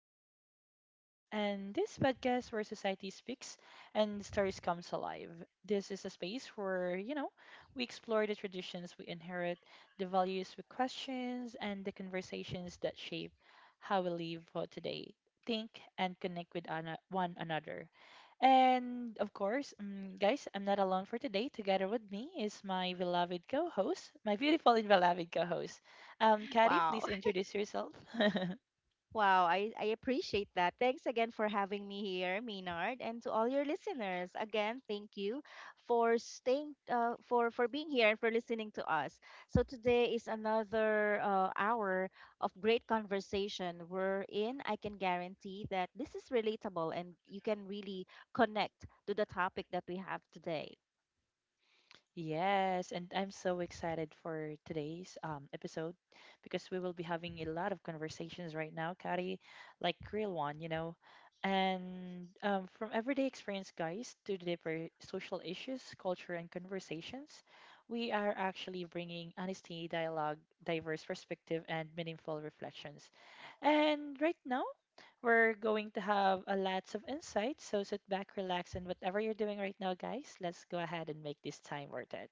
Conversations. And this podcast where society speaks and stories comes alive. This is a space where, we explore the traditions we inherit, the values we question, and the conversations that shape how we live for today, think, and connect with one another. And of course, guys, I'm not alone for today. Together with me is my beloved co host, my beautiful and beloved co host. Kari, Wow. please introduce yourself. Wow. I appreciate that. Thanks again for having me here, Maynard, and to all your listeners. Again, thank you for staying for being here and for listening to us. So today is another hour of great conversation wherein I can guarantee that this is relatable and you can really connect to the topic that we have today. Yes, and I'm so excited for today's episode because we will be having a lot of conversations right now, Kari, like real one. And from everyday experience, guys, to the deeper social issues, culture, and conversations, we are actually bringing honesty, dialogue, diverse perspective, and meaningful reflections. And right now, we're going to have a lots of insights, so sit back, relax, and whatever you're doing right now, guys, let's go ahead and make this time worth it.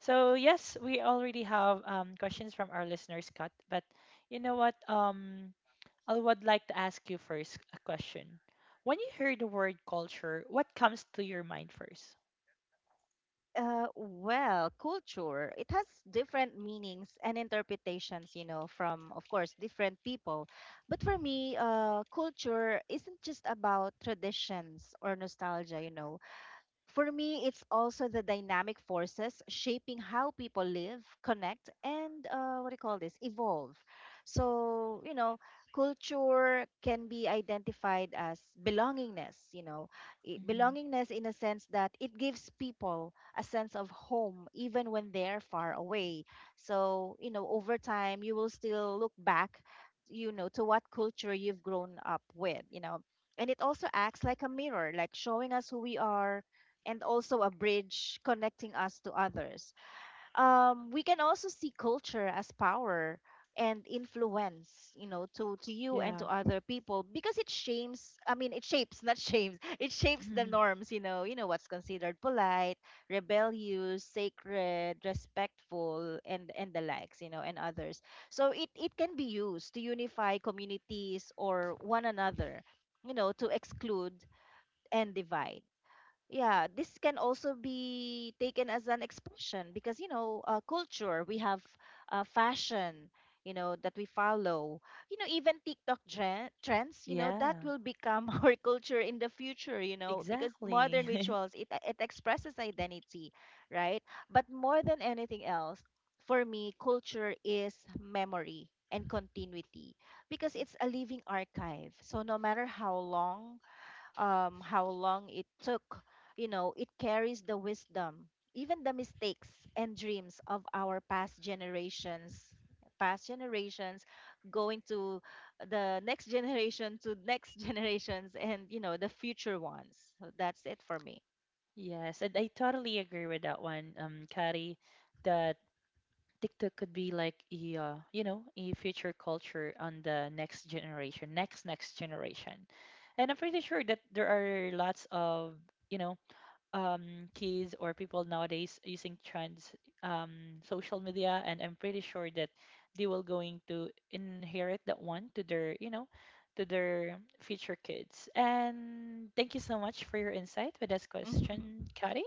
So yes, we already have questions from our listeners, Scott, but you know what? I would like to ask you first a question. When you hear the word culture, what comes to your mind 1st? Well, culture, it has different meanings and interpretations, you know, from, of course, different people. But for me, culture isn't just about traditions or nostalgia, you know. For me, it's also the dynamic forces shaping how people live, connect, and what do you call this? Evolve. So, you know, culture can be identified as belongingness, you know, Hmm. belongingness in a sense that it gives people a sense of home even when they're far away. So, you know, over time, you will still look back, you know, to what culture you've grown up with, you know. And it also acts like a mirror, like showing us who we are and also a bridge connecting us to others. We can also see culture as power and influence, you know, to you and Yeah. to other people because it shapes. I mean, it shapes, not shames, it shapes the Mhm. norms, you know, what's considered polite, rebellious, sacred, respectful, and the likes, you know, and others. So it can be used to unify communities or one another, you know, to exclude and divide. Yeah, this can also be taken as an expression because you know culture, we have fashion you know that we follow, you know, even TikTok trends, you know, that Yeah, will become our culture in the future, you know, because modern exactly. rituals, it expresses identity, right? But more than anything else, for me, culture is memory and continuity because it's a living archive. So no matter how long, how long it took. You know, it carries the wisdom, even the mistakes and dreams of our past generations going to the next generation to next generations and, you know, the future ones. So that's it for me. Yes, and I totally agree with that one, Kari, that TikTok could be like a you know a future culture on the next generation, next next generation, and I'm pretty sure that there are lots of you know kids or people nowadays using trans social media, and I'm pretty sure that they will going to inherit that one to their to their future kids. And thank you so much for your insight with this question, Kari.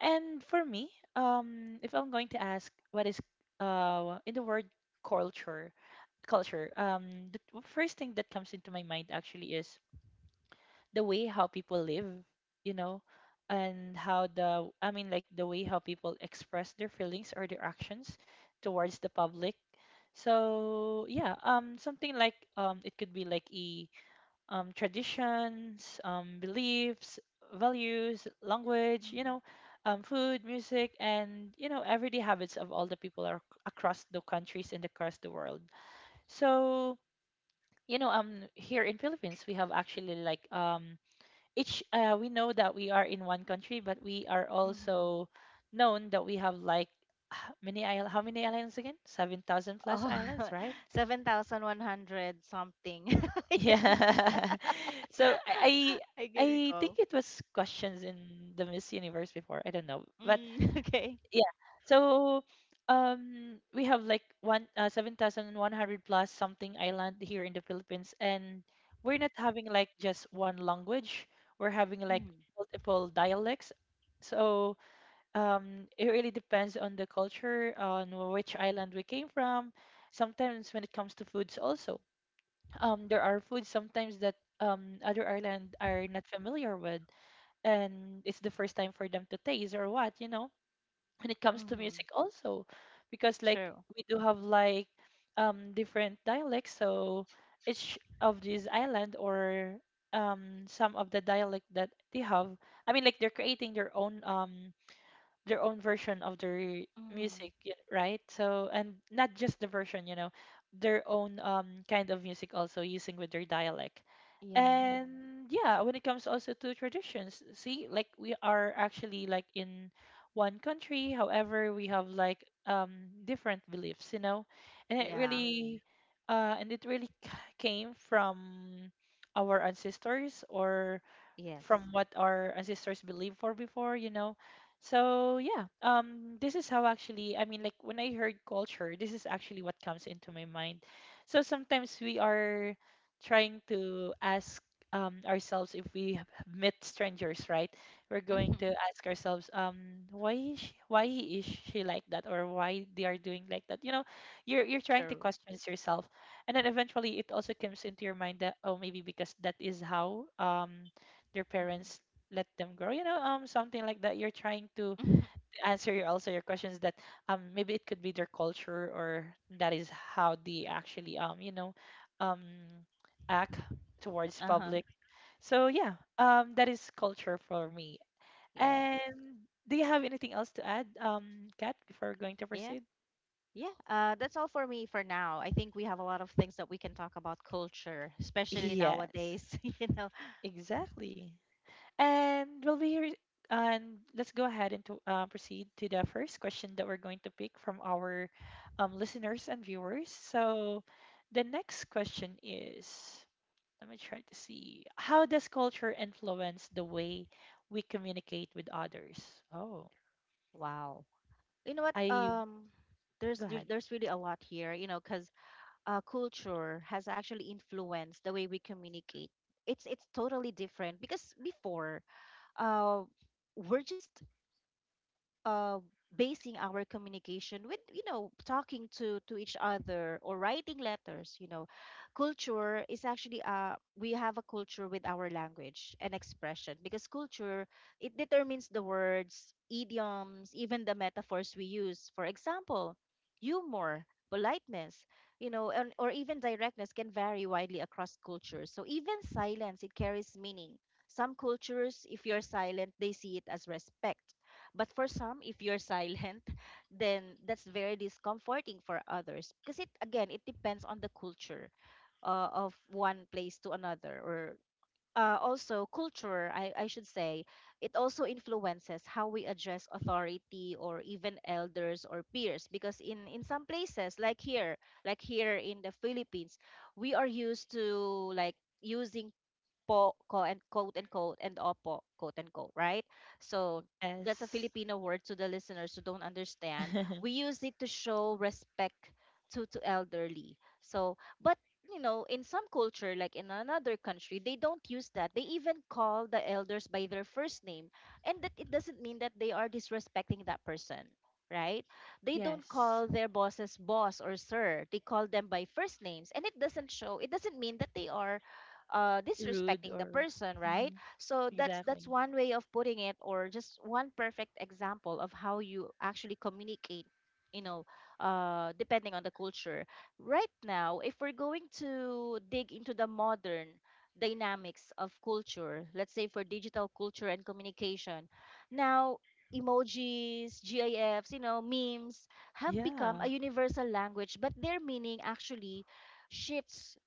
And for me, if I'm going to ask what is in the word culture, culture, first thing that comes into my mind actually is the way how people live, you know, and how the I mean like the way how people express their feelings or their actions towards the public. So yeah, something like it could be like a traditions, beliefs, values, language, you know, food, music, and, you know, everyday habits of all the people are across the countries and across the world. So, you know, here in Philippines, we have actually like each, we know that we are in one country, but we are Mm-hmm. also known that we have like many islands, how many islands again? 7,000 plus Oh, islands, right? 7,100 something. Yeah. Islands. So I can I recall. think it was questions in the Miss Universe before. I don't know. But Mm, okay. yeah. So we have like one 7,100 plus something island here in the Philippines, and we're not having like just one language. We're having like Mm-hmm. multiple dialects. So it really depends on the culture, on which island we came from. Sometimes when it comes to foods also there are foods sometimes that other island are not familiar with, and it's the first time for them to taste or what, you know. When it comes to Mm-hmm. music also, because like True. we do have like different dialects, so each of these island or some of the dialect that they have, I mean, like they're creating their own version of their music, right? So, and not just the version, you know, their own kind of music also using with their dialect. Yeah. And yeah, when it comes also to traditions, see, like we are actually like in one country, however, we have like different beliefs, you know, and it Yeah. really and it really came from our ancestors or Yes. from what our ancestors believed for before, you know. So yeah, this is how actually I mean, like when I heard culture, this is actually what comes into my mind. So sometimes we are trying to ask ourselves if we have met strangers, right? We're Mhm. going to ask ourselves, why is she like that, or why they are doing like that? You know, you're trying to True. question yourself, and then eventually it also comes into your mind that oh maybe because that is how their Mhm. parents let them grow, you know, something like that. You're trying to answer your also your questions that maybe it could be their culture or that is how they actually um act towards Uh-huh. public. So yeah, that is culture for me. Yes. And do you have anything else to add, Kat, before going to Yeah. proceed? Yeah. That's all for me for now. I think we have a lot of things that we can talk about culture, especially yes, nowadays, you know. exactly. And we'll be here. And let's go ahead and to, proceed to the first question that we're going to pick from our listeners and viewers. So the next question is let me try to see how does culture influence the way we communicate with others? Oh, Wow. You know what? I go ahead. There's really a lot here, you know, because culture has actually influenced the way we communicate. It's totally different because before, uh, we're just uh, basing our communication with you know talking to each other or writing letters, you know. Culture is actually we have a culture with our language and expression because culture, it determines the words, idioms, even the metaphors we use. For example, humor, politeness, you know, and, or even directness can vary widely across cultures. So even silence, it carries meaning. Some cultures, if you're silent, they see it as respect, but for some, if you're silent, then that's very discomforting for others, because it, again, it depends on the culture of one place to another. Or also culture, I should say, it also influences how we address authority or even elders or peers, because in some places like here, like here in the Philippines, we are used to like using po, quote and quote unquote, and opo, quote unquote, right? So that's a Yes. Filipino word to the listeners who don't understand. We use it to show respect to elderly. So, but you know, in some culture, like in another country, they don't use that. They even call the elders by their first name, and that it doesn't mean that they are disrespecting that person, right? They don't yes. call their bosses boss or sir. They call them by first names, and it doesn't show. It doesn't mean that they are Rude disrespecting the or. person, right? Mhm. So that's Exactly. one way of putting it, or just one perfect example of how you actually communicate. You know, depending on the culture. Right now, if we're going to dig into the modern dynamics of culture, let's say for digital culture and communication, now emojis, GIFs, you know, memes have become Yeah. a universal language, but their meaning actually shifts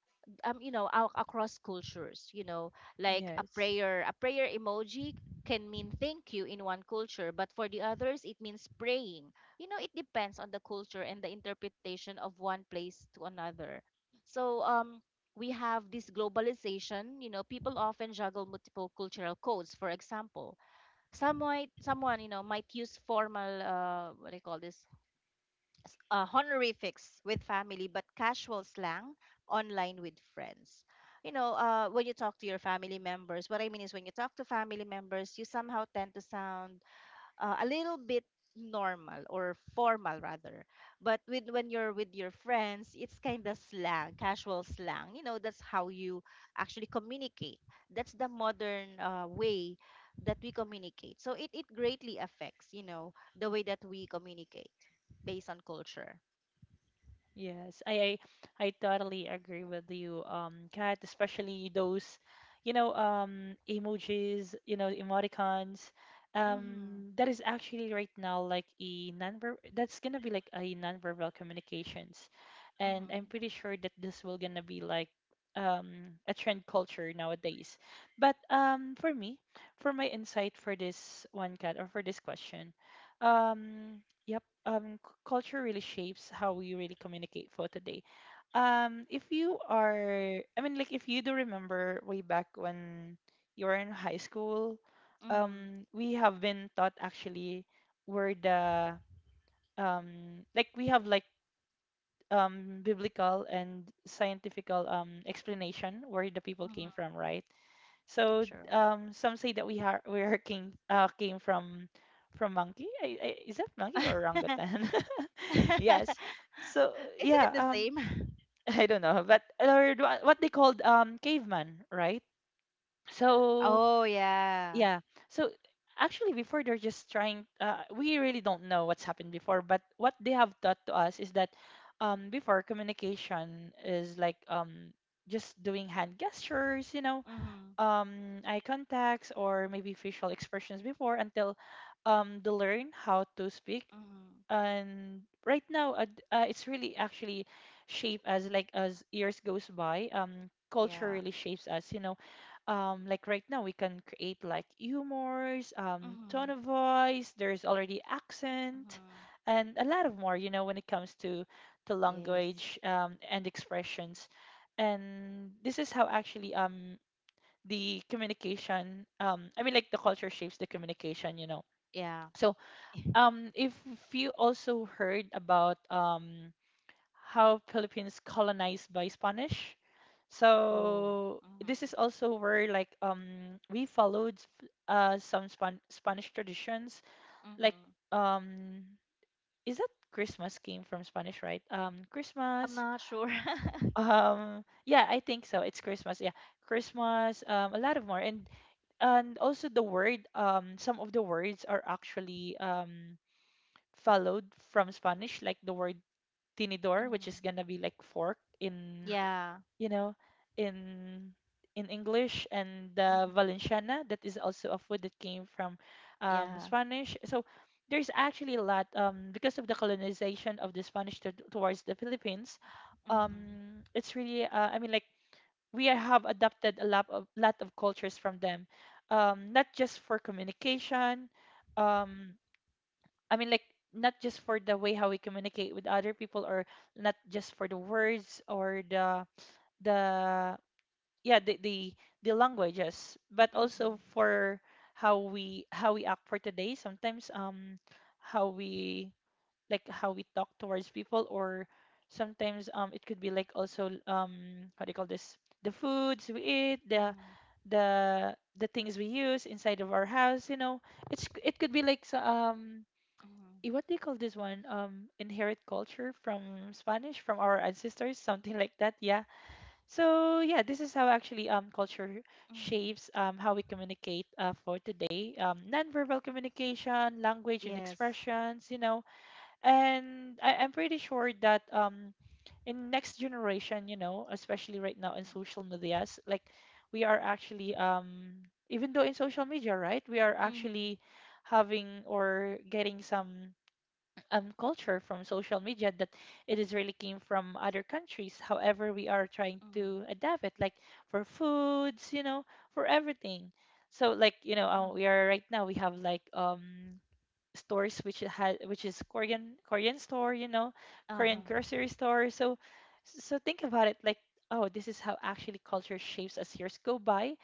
you know out across cultures, you know, like a Yes. prayer a prayer emoji can mean thank you in one culture, but for the others it means praying. You know, it depends on the culture and the interpretation of one place to another. So we have this globalization, you know, people often juggle multiple cultural codes. For example, someone you know might use formal what do you call this s- honorifics with family, but casual slang online with friends. You know, when you talk to your family members, what I mean is when you talk to family members, you somehow tend to sound a little bit normal or formal rather, but with when you're with your friends it's kind of slang, casual slang, you know. That's how you actually communicate. That's the modern way that we communicate. So it greatly affects, you know, the way that we communicate based on culture. Yes, I totally agree with you, Kat, especially those, you know, emojis, you know, emoticons. Mm-hmm. That is actually right now like a nonver that's gonna be like a nonverbal communications. And Mm-hmm. I'm pretty sure that this will gonna be like a trend culture nowadays. But for me, for my insight for this one, Kat, or for this question, um, yep culture really shapes how we really communicate for today. If you are, I mean, like if you do remember way back when you were in high school, Mm-hmm. We have been taught actually where the like we have like biblical and scientifical explanation where the people came Mm-hmm. from, right? So Sure. Some say that we are came from monkey. Is that monkey or orangutan? yes. So Isn't it yeah, the same? I don't know, but or do what they called caveman, right? So Oh yeah. yeah, so actually before they're just trying. We really don't know what's happened before, but what they have taught to us is that before communication is like just doing hand gestures, you know, Mm-hmm. Eye contacts or maybe facial expressions before until they learn how to speak. Mm-hmm. And right now, it's really actually shaped as like as years goes by. Culture Yeah. really shapes us. You know, like right now we can create like humors, tone Mhm. of voice. There's already accent, Mhm. and a lot of more. You know, when it comes to Yes. language and expressions, and this is how actually the communication the culture shapes the communication, you know. Yeah. So if you also heard about how philippines colonized by spanish, Oh. so this Mhm. is also where like we followed some spanish traditions, like Mhm. um is that christmas came from spanish, right? I'm christmas, not sure. Yeah I think so it's christmas, yeah, christmas, a lot of more, and also the word, some of the words are actually followed from spanish, like the word tinidor, which is Mhm. gonna be like fork in, Yeah. you know, in in english, and the Mhm. valenciana, that is also a food that came from Yeah. spanish. So there's actually a lot because of the colonization of the spanish to, towards the philippines, Mhm. It's really we have adapted a lot of cultures from them, not just for communication, um i mean like not just for the way how we communicate with other people or not just for the words or the yeah the languages, but also Mhm. for how we act for today. Sometimes how we like how we talk towards people, or sometimes it could be like also how do you call this, the foods we eat, Mhm. The things we use inside of our house, you know, it's it could be like Mhm. What do you call this one, inherit culture from spanish from our ancestors, something like that, yeah. So yeah, this is how actually culture Mhm. shapes how we communicate for today, nonverbal communication, language, and Yes. expressions, you know. And I'm pretty sure that in next generation, you know, especially right now in Mhm. social medias, like we are actually even though in social media, right, we are Mhm. actually having or getting some culture from social media that it is really came from other countries, however we are trying Mhm. to adapt it, like for foods, you know, for everything. So like, you know, we Mhm. are right now we have like stores which had which is Korean store, you know, Korean Uh-huh. grocery store. So think about it like, oh, this is how actually culture shapes as years go by.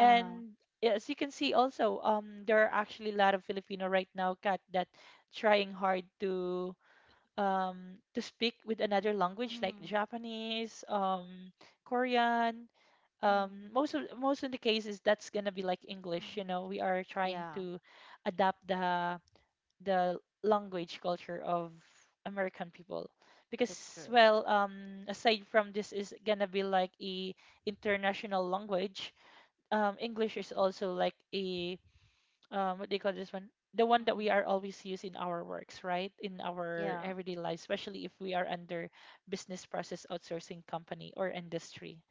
Uh-huh. as you can see also there are actually a lot of Filipino right now cat that trying hard to speak with another language like Mhm. Japanese, Korean, um Mhm. most of most of the cases that's gonna be like English, you Mhm. know. We are trying Yeah. to adapt the language culture of American people That's because, true. well, aside from this is gonna be like a international language, English is also like a, what do you call this one, the one that we Mhm. are always use in our works, right, in our Yeah. everyday life, especially if we are under business process outsourcing company or industry.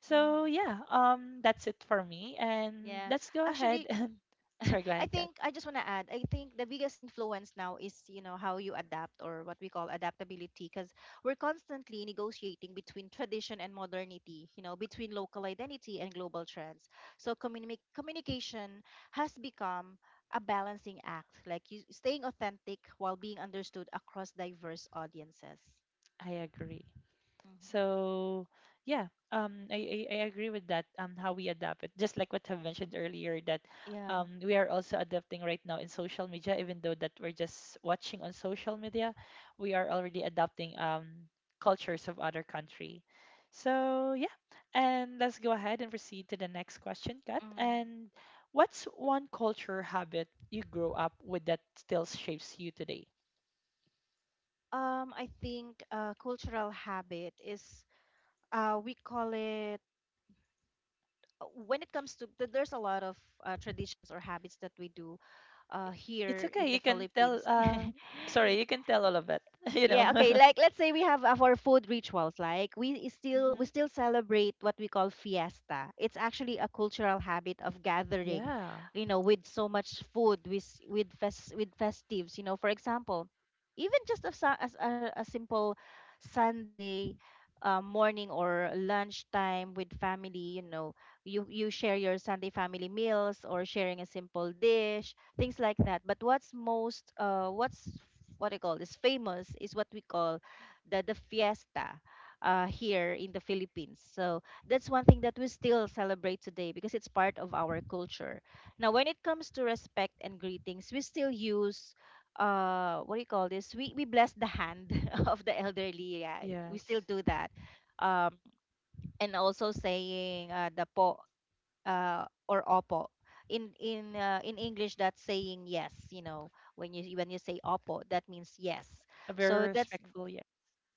So Mhm. yeah, that's it for me and Yeah. let's go ahead Actually, and sorry, go I ahead, Kat. think I just want to add. I think the biggest influence now is you know how you adapt or what we call adaptability, because we're constantly negotiating between tradition and modernity. You know, between local identity and global trends. So communication has become a balancing act, like you, staying authentic while being understood across diverse audiences. I agree. Mhm. So yeah, I agree with that. How we adapt it, just like what I've mentioned earlier, that Yeah. We are also adapting right now in social media, even though that we're just watching on social media, we are already adapting cultures of other country. So yeah, and let's go ahead and proceed to the next question, Kat. Mm. And what's one culture habit you grew up with that still shapes you today? I think cultural habit is we call it when it comes to th- there's a lot of traditions or habits that we do It's here in okay, the you can tell. Philippines. Sorry, you can tell all of it. You Yeah, okay. know. Like let's say we have our food rituals. Like we still we Mm-hmm. still celebrate what we call fiesta. It's actually a cultural habit of gathering, Yeah. you know, with so much food, with with fest, with festives. You know, for example, even just a, sa- as a simple Sunday morning or lunchtime with family. You know, you share your Sunday family meals or sharing a simple dish, things like that. But what's most what I call is famous is what we call the fiesta here in the Philippines. So that's one thing that we still celebrate today, because it's part of our culture. Now when it comes to respect and greetings, we still use what do you call this? We bless the hand of the elderly. Yeah. We still Yes. do that. Um and also saying the po or opo. In English, that's saying yes. You know, when you say opo, that means yes. A very So that's— respectful, yeah.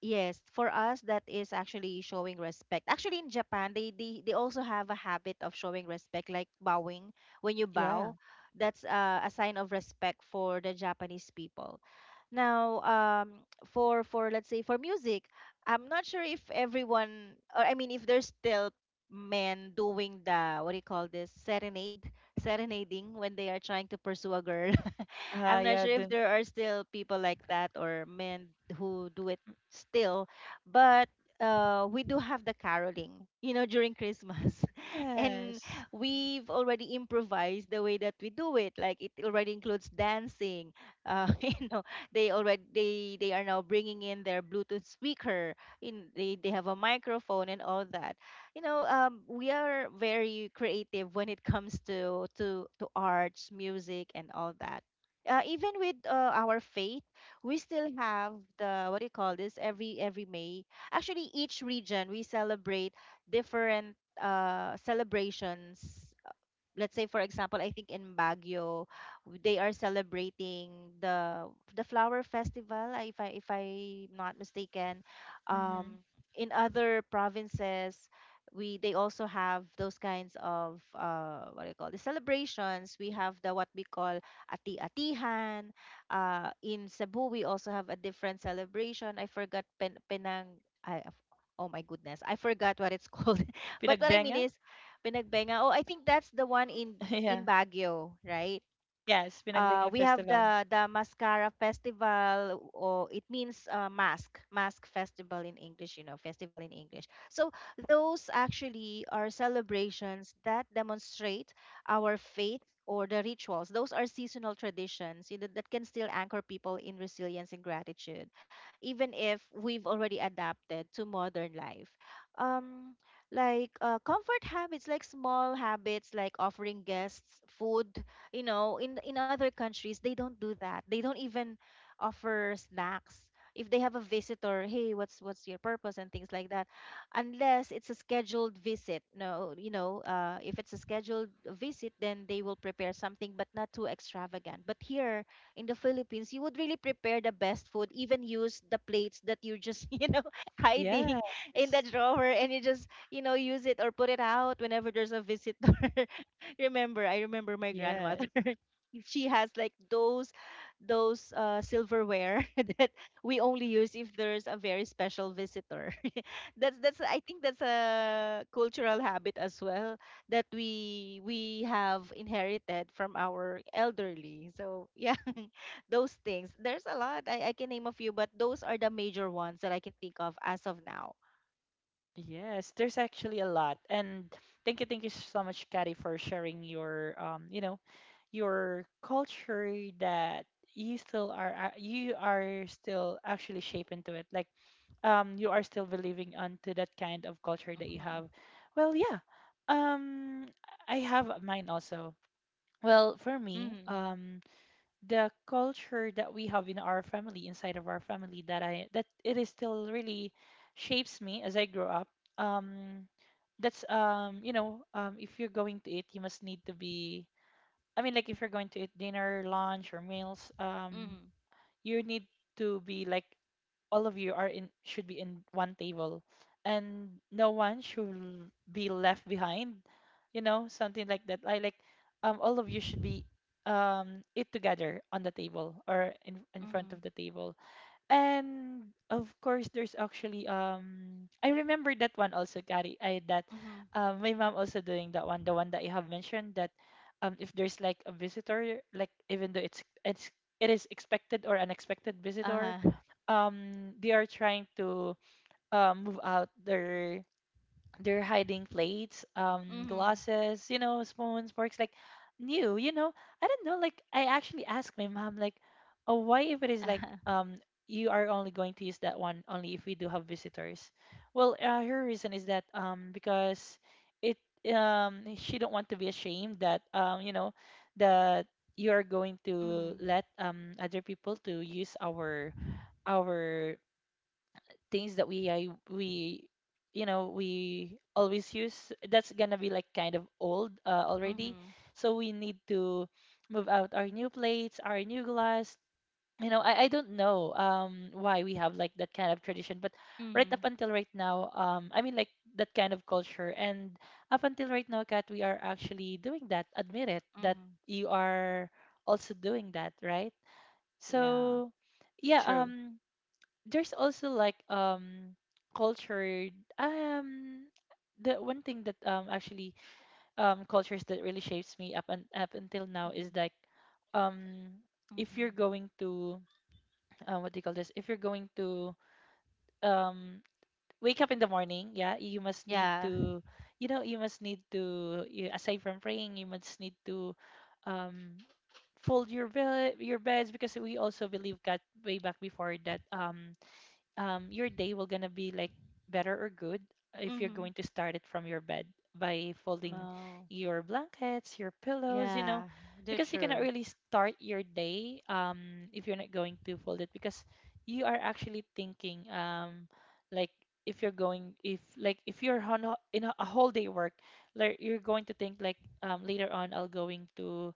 Yes, for us that is actually showing respect. Actually in Japan they also have a habit of showing respect like bowing. When you Yeah. bow, that's a sign of respect for the Japanese people. Now, for let's say for music, I'm not sure if everyone, or I mean if there's still men doing the what do you call this, serenade, serenading when they are trying to pursue a girl. Ah, I'm not yeah, sure if the there are still people like that, or men who do it still, but we do have the caroling, you know, during Christmas. And yes. we've already improvised the way that we do it. Like it already includes dancing. You know, they already they are now bringing in their Bluetooth speaker. In they have a microphone and all that. You know, we are very creative when it comes to to arts, music, and all that, even with our faith, we still have the what do you call this? Every May, actually, each region we celebrate different celebrations. Let's say for example, I think in Baguio, they are celebrating the the flower festival, if I if I'm not mistaken. Mm-hmm. um in other provinces we they also have those kinds of what do you call the celebrations. We have the what we call ati atihan In Cebu we also have a different celebration, I forgot. Penang, I oh my goodness, I forgot what it's called. But what I mean Pinagbenga? is Pinagbenga. Oh, I think that's the one Yeah. in Baguio, right? Yes, Uh, Pinagbenga we have Festival. the Mascara Festival, or it means mask festival in English. You know, festival in English. So those actually are celebrations that demonstrate our faith or the rituals. Those are seasonal traditions, you know, that can still anchor people in resilience and gratitude, even if we've already adapted to modern life. Um, like comfort habits, like small habits, like offering guests food, you know. In other countries, they don't do that. They don't even offer snacks if they have a visitor. Hey, what's your purpose and things like that, unless it's a scheduled visit. No, if it's a scheduled visit, then they will prepare something, but not too extravagant. But here in the Philippines, you would really prepare the best food, even use the plates that you're just you know, Yes. hiding in the drawer, and you just, you know, use it or put it out whenever there's a visitor. remember I remember my grandmother. Yes. She has like those silverware that we only use if there's a very special visitor. That's I think that's a cultural habit as well that we have inherited from our elderly. So yeah, those things, there's a lot. I can name a few, but those are the major ones that I can think of as of now. Yes. There's actually a lot. And thank you so much, Kari, for sharing your you know, your culture that you still are ac- you are still actually shaped into it, like you are still believing onto that kind of culture that you have. Mm-hmm. Well, yeah, um I have mine also. Well, for me, Mm-hmm. The culture that we have in our family, inside of our family, that I that it is still really shapes me as I grow up, um that's you know, if you're going to eat you must need to be, I mean, like if you're going to eat dinner, lunch, or meals, Mm-hmm. you need to be like all of you are in should be in one table, and no one should be left behind. You know, something like that. I like, all of you should be eat together on the table or in front Mm-hmm. of the table. And of course there's actually, I remember that one also, Kari, I that Mm-hmm. My mom also doing that one, the one that you have mentioned, that if there's like a visitor, like even though it's it is expected or unexpected visitor, Uh-huh. They are trying to move out their, they're hiding plates, Mm-hmm. glasses, you know, spoons, forks, like new, you know. I don't know, like I actually asked my mom, like, oh, why, if it is like you are only going to use that one only if we do have visitors. Well, her reason is that because it she don't want to be ashamed that, you know, that you are going to Mhm. let other people to use our things that we you know we always use, that's gonna be like kind of old, already. Mhm. So we need to move out our new plates, our new glass, you know. I don't know why we have like that kind of tradition, but right up Mhm. until right now, I mean, like that kind of culture, and up until right now, Kat, we are actually doing that. Admit it that Mhm. you are also doing that, right? Yeah. So yeah, True. There's also like culture, um the one thing that actually cultures that really shapes me up and up until now is Mhm. like, um if Mhm. you're going to what do you call this, if you're going to um wake up in the morning, yeah, you must need Yeah. to, you know, you must need to you, aside from praying, you must need to um fold your bed, your beds, because we also believe God way back before, that your day will gonna be like better or good if you're Mhm. going to start it from your bed by folding Oh. your blankets, your pillows, you know, Yeah. They're because you cannot true. really start your day if you're not going to fold it, because you are actually thinking like if you're going, if like if you're on a, in a, a whole day work, like you're going to think like, later on I'll going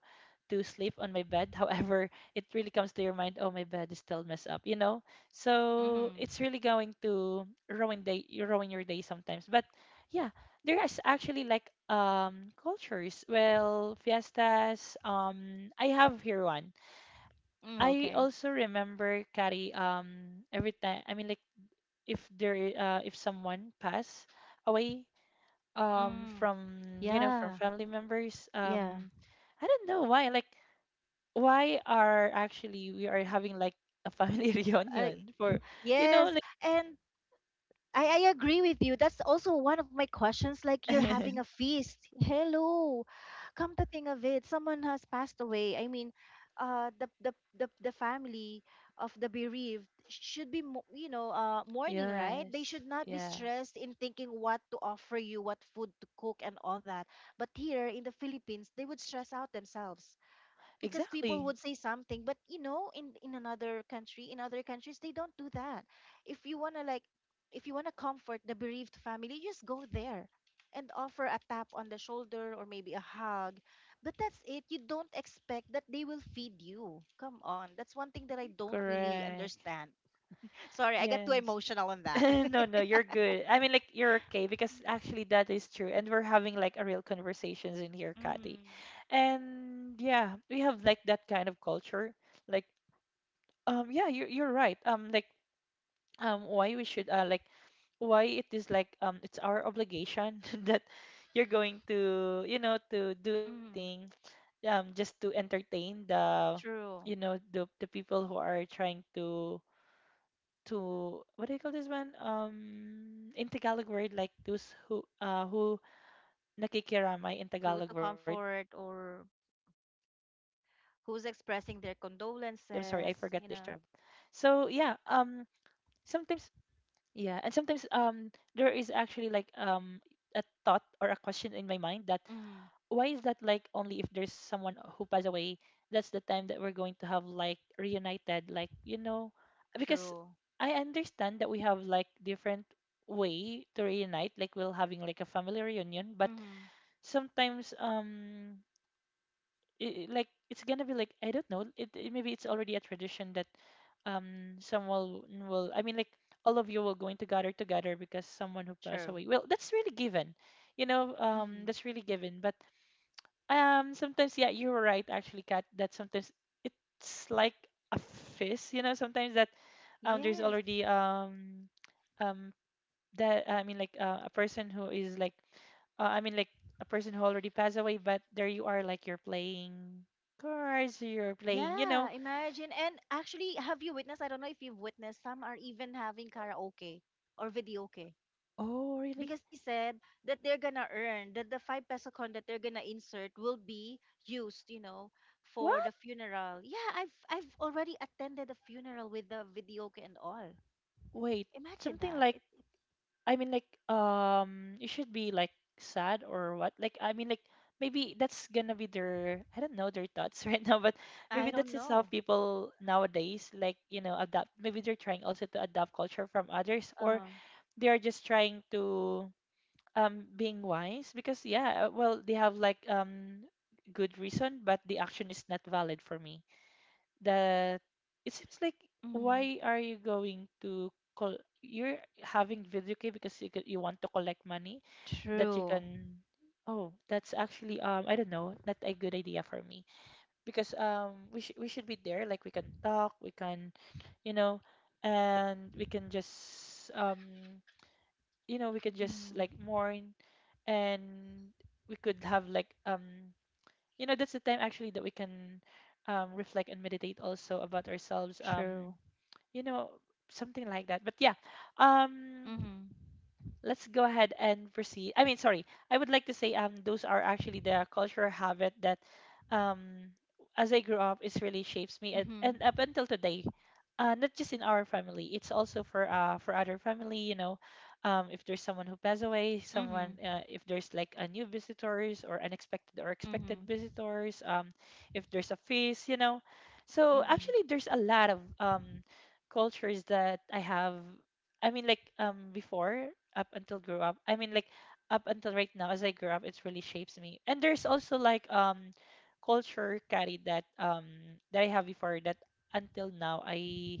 to sleep on my bed. However, it really comes to your mind, oh my bed is still messed up, you know? So Mhm. it's really going to ruin day, you ruin your day sometimes. But yeah, there is actually like cultures. Well, fiestas. I have here one. Mm, I okay. also remember Kari. Every time, I mean, like if there I- if someone pass away Mm. from, you know, from Yeah. family members, Yeah. I don't know why, like why are actually we are having like a family I, reunion for, you know, yes. And I agree with you. That's also one of my questions. Like you're like having a feast. Hello. Come to think of it, someone has passed away. I mean, the the family of the bereaved should be mo- you know mourning, right? They Yes. should not be Yeah. stressed in thinking what to offer you, what food to cook, and all that. But here in the Philippines, they would stress out themselves, because people Exactly. would say something. But you know, in another country, in other countries, they don't do that. If you want to, like, if you want to comfort the bereaved family, you just go there and offer a tap on the shoulder or maybe a hug. But that's it. You don't expect that they will feed you. Come on, that's one thing that I don't really Correct. understand. Sorry, I got too Yes. emotional on that. No, no, you're good. I mean, like, you're okay because actually that is true. And we're having like a real conversations in here, Kathy. Mm, And yeah, we have like that kind of culture. Like, yeah, you're right. Like why we should like why it is like it's our obligation that you're going to, you know, to do mm, everything just to entertain the, true. you know, the people who are trying to what do you call this one, in Tagalog word, like those who nakikiramay in Who Tagalog to word. I'm sorry, I comfort forgot the or English term of that. So who's yeah, expressing their condolences, you sometimes, know. yeah, and sometimes there is actually like a thought or a question in my mind that why is that Mm. like only if there's someone who passed away, that's the time that we're going to have like reunited, like, you know, because True. I understand that we have like different way to reunite, like we're having like a family reunion, but Mm-hmm. sometimes I- like it's gonna be like, I don't know. It maybe it's already a tradition that someone will, I mean, like all of you will going to gather together because someone who passed True. away. Well, that's really given, you know. Mm-hmm. That's really given. But sometimes, yeah, you're right actually, Kat. That sometimes it's like a fist, you know. Sometimes that there's Yes. already um that I mean like a person who is like I mean, like a person who already passed away, but there you are, like you're playing cards, you're playing, you Yeah, know. imagine. And actually, have you witnessed? I don't know if you've witnessed, some are even having karaoke or videoke, Oh, really? because they said that they're gonna earn, that the five peso con that they're gonna insert will be used, you know, What? for the funeral. Yeah, I've already attended a funeral with the videoke and all. Wait, Imagine something that. like, It I mean, like, you should be like sad or what? Like, I mean, like maybe that's gonna be their, I don't know, their thoughts right now, but maybe I that's don't just how know. people nowadays like, you know, adapt. Maybe they're trying also to adapt culture from others, or Uh-huh. they are just trying to being wise, because yeah, well they have like good reason, but the action is not valid for me. That it seems like Mm, why are you going to call, you're having video game because you, could, you want to collect money that you true. can. Oh, that's actually I don't know, not a good idea for me, because we, sh- we should be there, like we can talk, we can, you know, and we can just you know, we can just Mm, like mourn, and we could have like you know, that's the time actually that we can reflect and meditate also about ourselves, true. you know, something like that. But yeah, um let's go ahead and proceed. I mean, sorry, I would like to say those are actually the cultural habit that um as I grew up, it's really shapes me Mhm. and up until today. Not just in our family, it's also for other family. You know, if there's someone who passed away, someone Mhm. If there's like a new visitors or unexpected or expected Mhm. visitors, if there's a feast, you know, so Mhm. actually there's a lot of cultures that I have, I mean, like before up until grew up. I mean, like up until right now, as I grew up, it really shapes me. And there's also like culture carried that that I have before, that until now I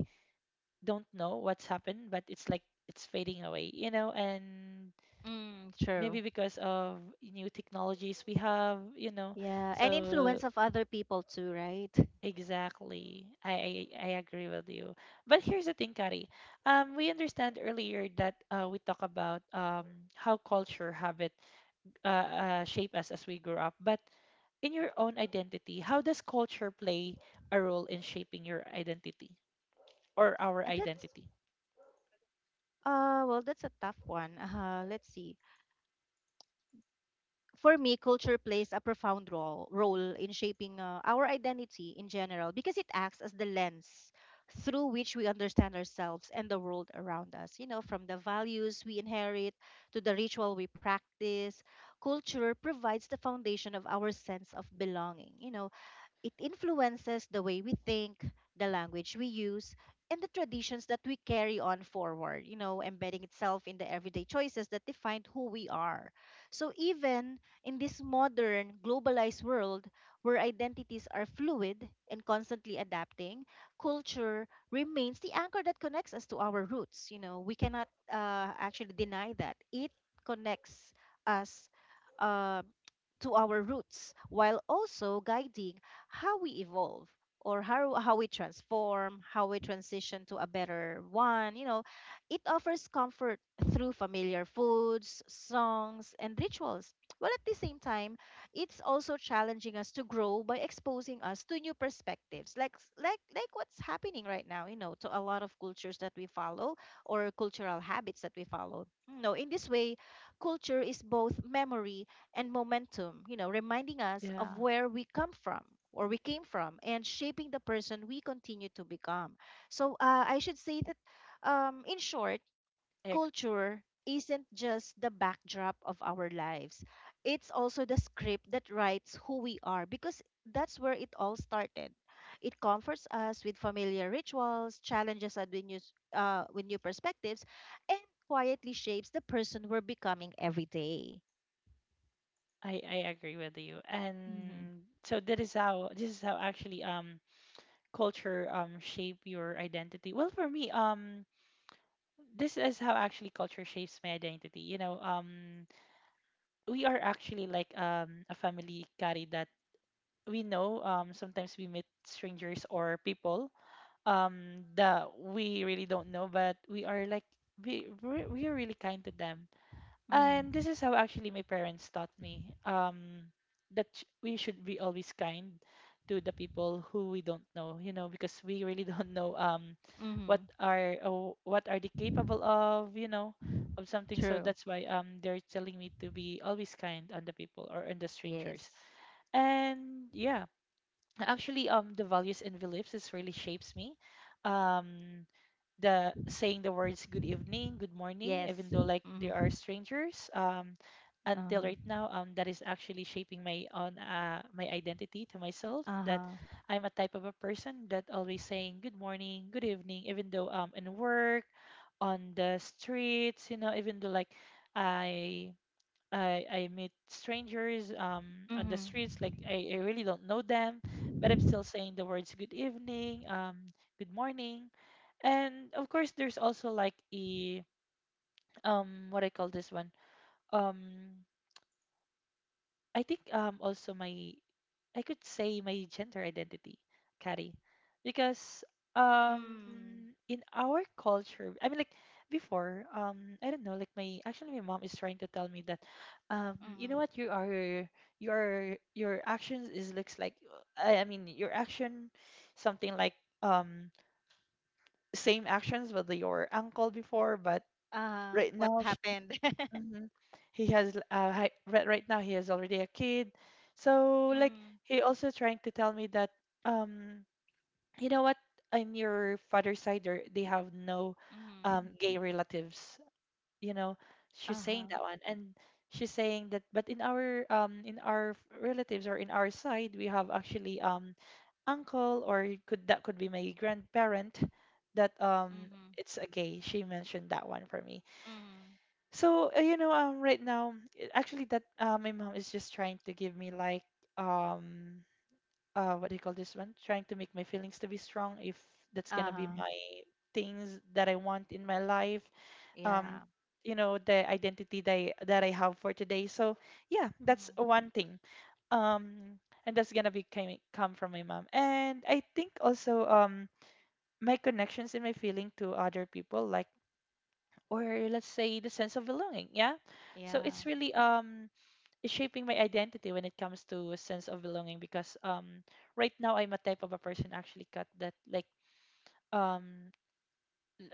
don't know what's happened, but it's like it's fading away, you know, and Mm, true. maybe because of new technologies we have, you know. Yeah, and So influence of other people too, right? Exactly. I agree with you. But here's the thing, Kari. We understand earlier that we talk about how culture habit shape us as we grow up. But in your own identity, how does culture play a role in shaping your identity or our that's identity? Well, that's a tough one. Let's see. For me, culture plays a profound role in shaping our identity in general, because it acts as the lens through which we understand ourselves and the world around us. You know, from the values we inherit to the ritual we practice, culture provides the foundation of our sense of belonging. You know, it influences the way we think, the language we use, and the traditions that we carry on forward, you know, embedding itself in the everyday choices that define who we are. So, even in this modern, globalized world where identities are fluid and constantly adapting, culture remains the anchor that connects us to our roots. You know, we cannot actually deny that. It connects us uh, to our roots while also guiding how we evolve, or how we transform, how we transition to a better one. You know, it offers comfort through familiar foods, songs, and rituals. While at the same time, it's also challenging us to grow by exposing us to new perspectives, like like what's happening right now. You know, to a lot of cultures that we follow or cultural habits that we follow. No, in this way, culture is both memory and momentum, you know, reminding us of Yeah, where we come from or we came from, and shaping the person we continue to become. So mhm. I should say that, in short, I agree. culture isn't just the backdrop of our lives, it's also the script that writes who we are, because that's where it all started. It comforts us with familiar rituals, challenges us with new, with new perspectives, and quietly shapes the person we're becoming every day. I agree with you. Mm-hmm. And so that is how this is how actually culture shape your identity. Well, for me this is how actually culture shapes my identity. We are actually like a family carry that we know sometimes we meet strangers or people that we really don't know, but we are like we're really kind to them. And this is how actually my parents taught me that we should be always kind to the people who we don't know, you know, because we really don't know what Mm-hmm. are what are they capable of, you know, of something. So True. that's why they're telling me to be always kind on the people or on the strangers. Yes. And yeah, actually the values and beliefs is really shapes me, um the saying the words good evening, good morning, Yes. even though like they Mm-hmm. are strangers, until Uh-huh. right now. That is actually shaping my own my identity to myself, that Uh-huh. I'm a type of a person that always saying good morning, good evening, even though in work, on the streets, you know, even though like i I meet strangers, on the Mm-hmm. streets, like I really don't know them, but I'm still saying the words good evening, good morning. And of course, there's also like a, what I call this one. Um, I think also my, I could say my gender identity, Carrie, because Mm. in our culture, I mean like before, I don't know, like my, actually my mom is trying to tell me that you know Mm-hmm. what you are, your actions is looks like, I mean your action, something like um same actions with your uncle before. But Uh-huh. right What now, happened? Mm. hmm he has right now he has already a kid. So like he also trying to tell me that um you know what, on your father's side there they have no Mm-hmm. Gay relatives. You know, she's saying Uh-huh. that one. And she's saying that, but in our relatives or in our side, we have actually uncle, or could, that could be my grandparent that Mm-hmm. it's a gay. She mentioned that one for me. Mm-hmm. So, you know, right now, actually, that my mom is just trying to give me like, um, what do you call this one? Trying to make my feelings to be strong if that's gonna be Uh-huh. my things that I want in my life. Um, Yeah. you know, the identity that that I have for today. So yeah, that's Mm-hmm. one thing. Um, and that's gonna be coming come from my mom. And I think also, my connections and my feeling to other people, like, or let's say the sense of belonging. Yeah, so it's Yeah. really it's shaping my identity when it comes to a sense of belonging, because right now I'm a type of a person actually cut that like um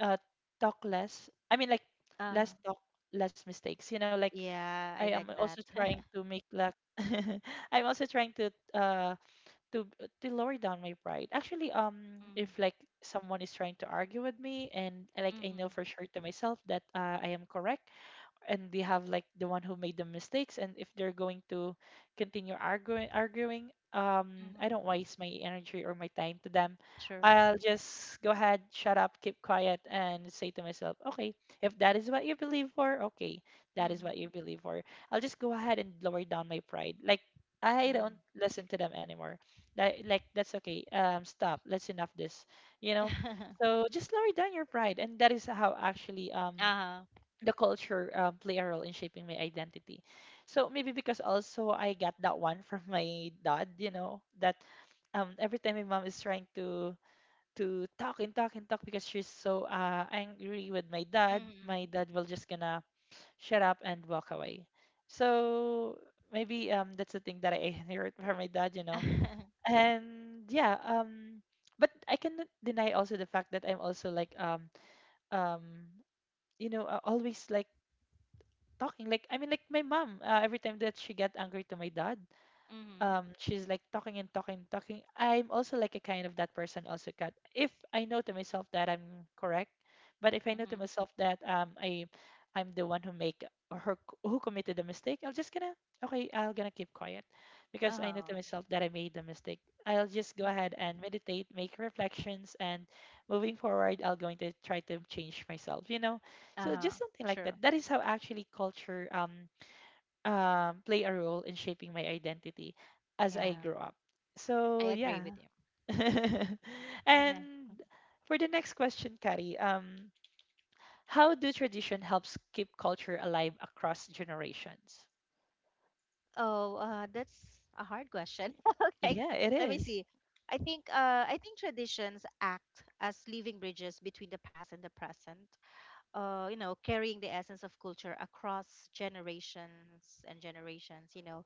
uh, talk less, I mean like less Uh-huh. talk, less mistakes, you know. Like I Yeah, am I like also that. trying Mm. to make like I'm also trying to uh to to lower down my pride, actually if like someone is trying to argue with me, and like I know Mm-hmm. for sure to myself that I am correct, and they have like the one who made the mistakes, and if they're going to continue arguing I don't Mm-hmm. waste my energy or my time to them. True. I'll just go ahead, shut up, keep quiet, and say to myself, okay, if that is what you believe for, okay, that is what Mm-hmm. you believe for. I'll just go ahead and lower down my pride, like I Mm-hmm. don't listen to them anymore. Like that's okay, stop, let's enough this, you know. So just lower down your pride, and that is how actually Uh-huh. the culture play a role in shaping my identity. So maybe because also I got that one from my dad, you know, that every time my mom is trying to talk and talk and talk, because she's so angry with my Mm-hmm. dad will just gonna shut up and walk away. So maybe that's the thing that I heard from my dad, you know. Mm-hmm. And yeah, but I cannot deny also the fact that I'm also like um you know, always like talking, like I mean like my mom, every time that she get angry to my dad, she's like talking and talking and talking. I'm also like a kind of that person also cut if I know to myself that I'm correct. But if I know to Mm-hmm. myself that I'm the one who make, or her, who committed the mistake, I'll just gonna, okay, I'll gonna keep quiet, because I know to Uh-huh. myself that I made the mistake. I'll just go ahead Mm-hmm. and meditate, make reflections, and moving forward, I'll going to try to change myself, you know. So Uh, just something like true. that. That is how actually culture play a role in shaping my identity as I Yeah, grow up. I So agree yeah. with you. And Yeah. for the next question, Kari, how do tradition helps keep culture alive across generations? Oh, that's a hard question. Okay, Yeah, it let me is. see. I think traditions act as living bridges between the past and the present. You know, carrying the essence of culture across generations and generations. You know,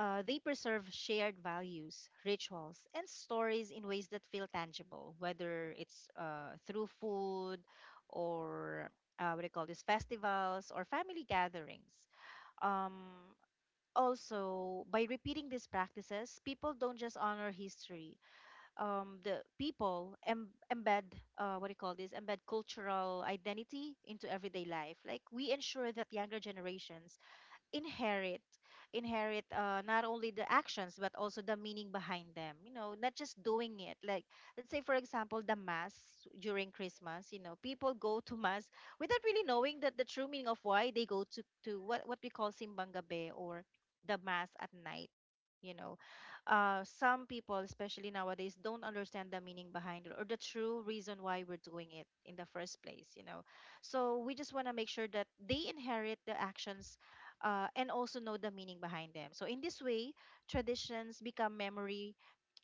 they preserve shared values, rituals, and stories in ways that feel tangible, whether it's through food or what do you call this, festivals or family gatherings. Um, also, by repeating these practices, people don't just honor history. The people em- embed, what do you call this, embed cultural identity into everyday life. Like, we ensure that younger generations inherit inherit not only the actions, but also the meaning behind them. You know, not just doing it. Like, let's say for example, the mass during Christmas. You know, people go to mass without really knowing that the true meaning of why they go to what we call simbang gabi, or the mass at night. Yeah. You know, some people, Mm-hmm. especially nowadays, don't understand the meaning behind it, or the true reason why we're doing it in the first place, you know. So we just want to make sure that they inherit the actions and also know the meaning behind them. So, in this way, traditions become memory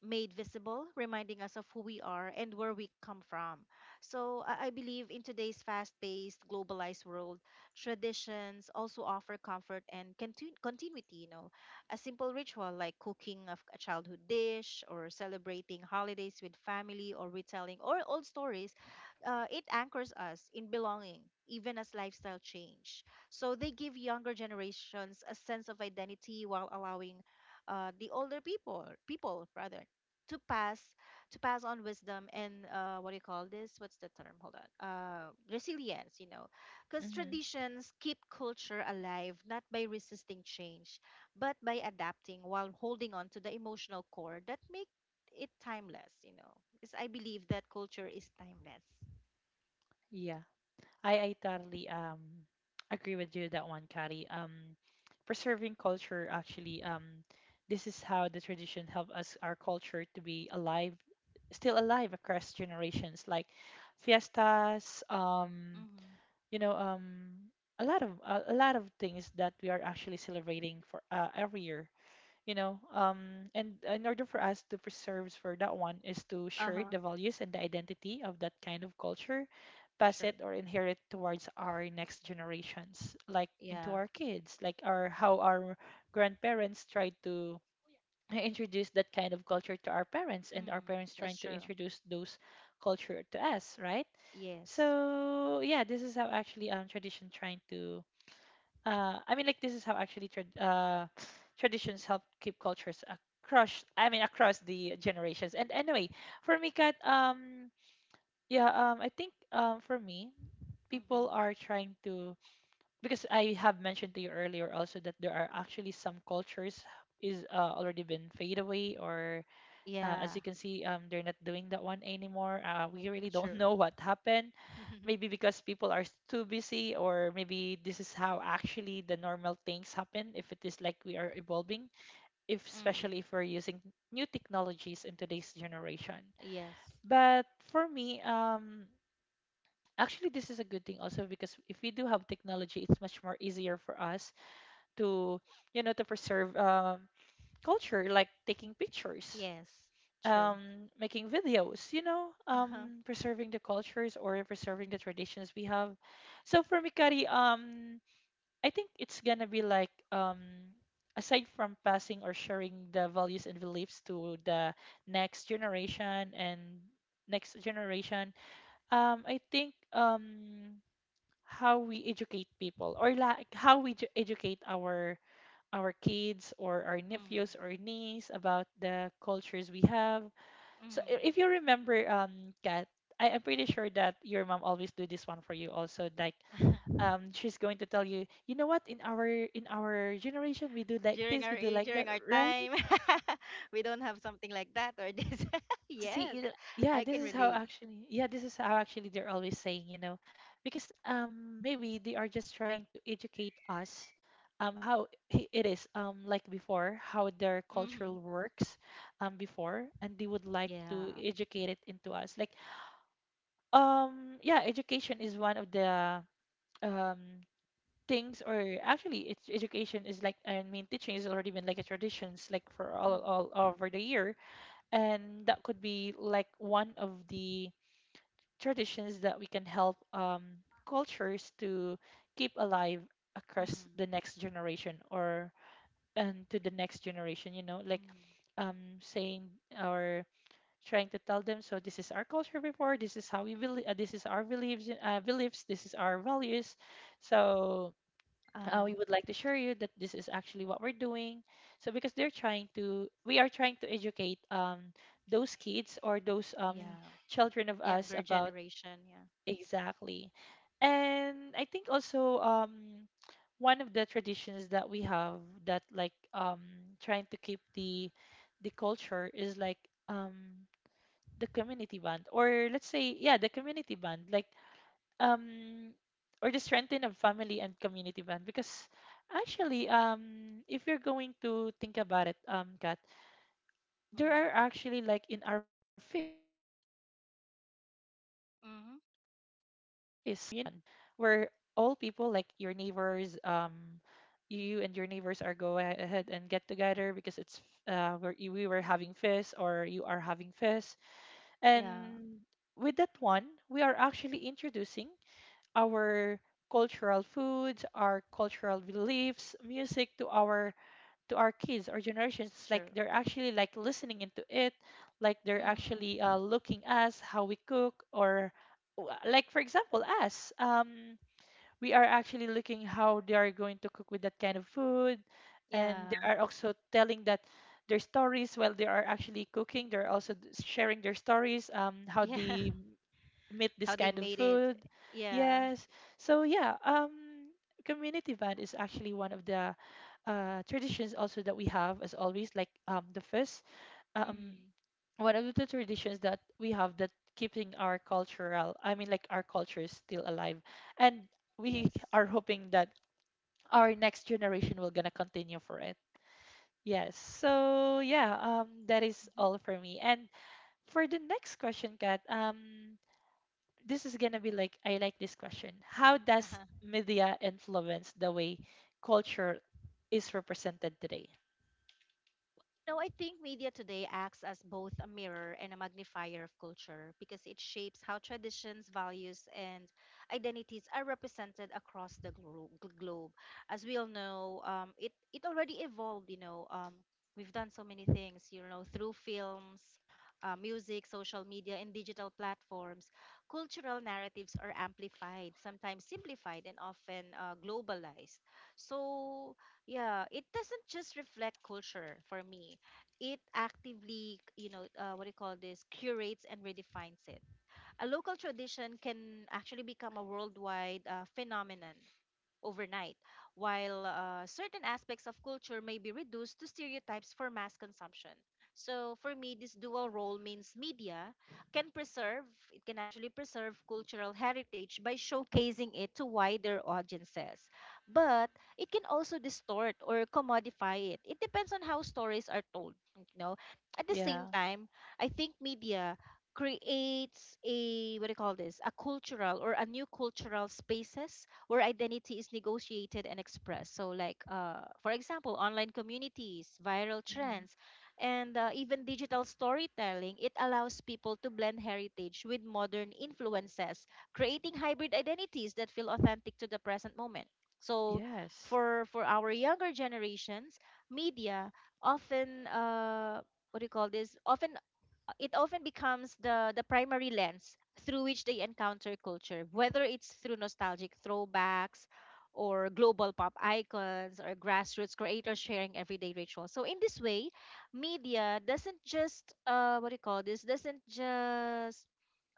made visible, reminding us of who we are and where we come from. So, I believe in today's fast paced, globalized world, traditions also offer comfort and continuity. You know, a simple ritual like cooking of a childhood dish, or celebrating holidays with family, or retelling or old stories, it anchors us in belonging, even as lifestyle change. So they give younger generations a sense of identity, while allowing the older people, people rather, to pass to pass on wisdom and what do you call this? What's the term? Hold on. Resilience, you know, because Mm-hmm. traditions keep culture alive not by resisting change, but by adapting while holding on to the emotional core that make it timeless. You know, because I believe that culture is timeless. Yeah, I totally agree with you that one, Kari. Preserving culture actually this is how the tradition help us our culture to be alive, still alive across generations, like fiestas, Mm-hmm. you know, a lot of a lot of things that we are actually celebrating for every year, you know. And in order for us to preserve for that one is to Uh share huh. the values and the identity of that kind of culture, pass it Sure. or inherit towards our next generations, like into Yeah. our kids, like our, how our grandparents tried to introduce that kind of culture to our parents, and our Mm, parents trying that's to true. introduce those culture to us, right? Yes. So yeah, this is how actually tradition trying to I mean, like this is how actually trad traditions help keep cultures across, I mean, across the generations. And anyway, for me, Kat, yeah, I think for me, people Mm-hmm. are trying to, because I have mentioned to you earlier also that there are actually some cultures is already been fade away, or Yeah, as you can see they're not doing that one anymore. We really don't true. know what happened. Maybe because people are too busy, or maybe this is how actually the normal things happen, if it is like we are evolving, if Mm-hmm. especially if we're using new technologies in today's generation. Yes. But for me actually this is a good thing also, because if we do have technology, it's much more easier for us to, you know, to preserve culture, like taking pictures, Yes, true. Making videos, you know, Uh-huh. Preserving the cultures or preserving the traditions we have. So for Mikari, I think it's gonna be like, aside from passing or sharing the values and beliefs to the next generation and next generation, I think how we educate people, or like how we educate our kids, or our Mm-hmm. nephews or niece about the cultures we have. So Mm-hmm. If you remember, Kat, I am pretty sure that your mom always do this one for you also. Like, she's going to tell you, you know what, in our in our generation, we do like During this, our we do like that, during our right? time, we don't have something like that or this. See, Yes, you know, yeah, I this can is how relate. actually, yeah, this is how actually they're always saying, because maybe they are just trying to educate us, how it is, like before, how their culture Mm-hmm. works, before, and they would like Yeah. to educate it into us, like. Yeah, education is one of the um things, or actually, it's education is like, I mean, teaching has already been like a traditions like for all Mm-hmm. over the year, and that could be like one of the traditions that we can help cultures to keep alive across the Mm-hmm. next generation or and to the next generation, you know, like Mm-hmm. Saying our, trying to tell them, so this is our culture before, this is how we believe, this is our beliefs, uh, this is our values, so Uh-huh. we would like to assure you that this is actually what we're doing, so because they're trying to we are trying to educate those kids or those Yeah. children of us Younger about generation, yeah. exactly. And I think also, one of the traditions that we have that like, trying to keep the culture is like, um, the community bond, or let's say, yeah, the community bond, like um or the strengthening of family and community bond, because actually, um, if you're going to think about it, um, Kat, there are actually like in our phase, right, that's actually the time that we're Mm-hmm. having like a community bond, where all people like your neighbors, um, you and your neighbors are go ahead and get together because it's where we were having fest or you are having fest. Yeah, And with that one, we are actually introducing our cultural foods, our cultural beliefs, music to our kids or generations. It's true. like they're actually like listening into it, like they're Mm-hmm. actually looking us how we cook, or like for example us. We are actually looking how they are going to cook with that kind of food, and they Yeah. are also telling that their stories while they are actually cooking, they're also sharing their stories, um, how Yeah. they meet How this they kind of made it. food. Yeah. Yes. So yeah, community band is actually one of the traditions also that we have as always, like the first, um, Mm-hmm. one of the traditions that we have that keeping our cultural, I mean like our culture is still alive, and we Yes. are hoping that our next generation will gonna continue for it. Yes. So yeah, that is all for me. And for the next question, Kat, this is gonna be like, I like this question. How does Mm-hmm. media influence the way culture is represented today? No, I think media today acts as both a mirror and a magnifier of culture, because it shapes how traditions, values, and identities are represented across the globe. As we all know, it already evolved. You know, we've done so many things. You know, through films, music, social media, and digital platforms, cultural narratives are amplified, sometimes simplified, and often globalized. So yeah, it doesn't just reflect culture for me. It actively, you know, what do you call this, curates and redefines it. A local tradition can actually become a worldwide phenomenon overnight, while certain aspects of culture may be reduced to stereotypes for mass consumption. So for me, this dual role means media can preserve, it can actually preserve cultural heritage by showcasing it to wider audiences. But it can also distort or commodify it. It depends on how stories are told. You know, at the same Yeah. time, I think media creates a, what do you call this? A cultural, or a new cultural spaces where identity is negotiated and expressed. So, like, for example, online communities, viral Hmm. trends, and even digital storytelling, it allows people to blend heritage with modern influences, creating hybrid identities that feel authentic to the present moment. So, Yes. for our younger generations, media often what do you call this? Often It often becomes the primary lens through which they encounter culture, whether it's through nostalgic throwbacks or global pop icons or grassroots creators sharing everyday rituals. So in this way, media doesn't just what do you call this? Doesn't just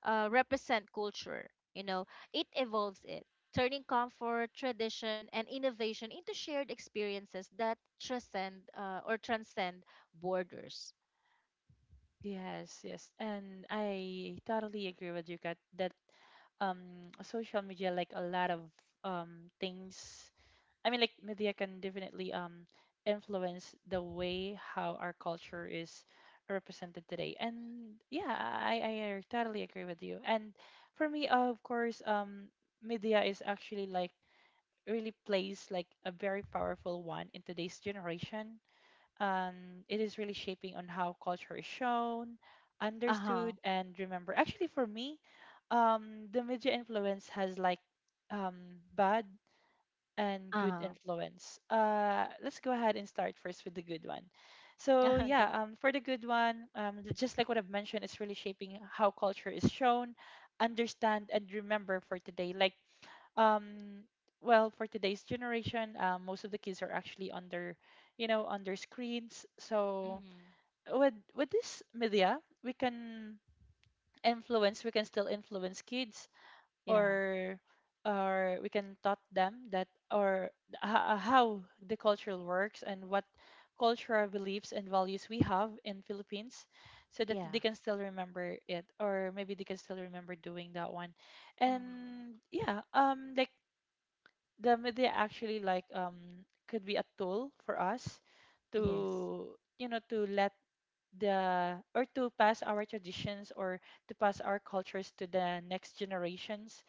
represent culture, it evolves it, turning comfort, tradition, and innovation into shared experiences that transcend borders. Yes. Yes. And I totally agree with you, Kat, that social media, like a lot of things, I mean, like media can definitely influence the way how our culture is represented today. And yeah, I totally agree with you. And for me, of course, media is actually like really plays like a very powerful one in today's generation. It is really shaping on how culture is shown, Uh huh. understood, and remembered. Actually, for me, the media influence has like bad and Uh good huh. influence. Let's go ahead and start first with the good one. So yeah, Okay. For the good one, just like what I've mentioned, it's really shaping how culture is shown, understand, and remember for today. Like, um, well, for today's generation, most of the kids are actually under, you know, under screens. So Mhm. with this media, we can influence, we can still influence kids Yeah. or or we can taught them that or how the culture works and what cultural beliefs and values we have in Philippines, so that they Yeah. can still remember it, or maybe they can still remember doing that one. Mhm. And yeah, um, like the media actually like, um, could be a tool for us Yes. to, you know, to let the, or to pass our traditions or to pass our cultures to the next generations.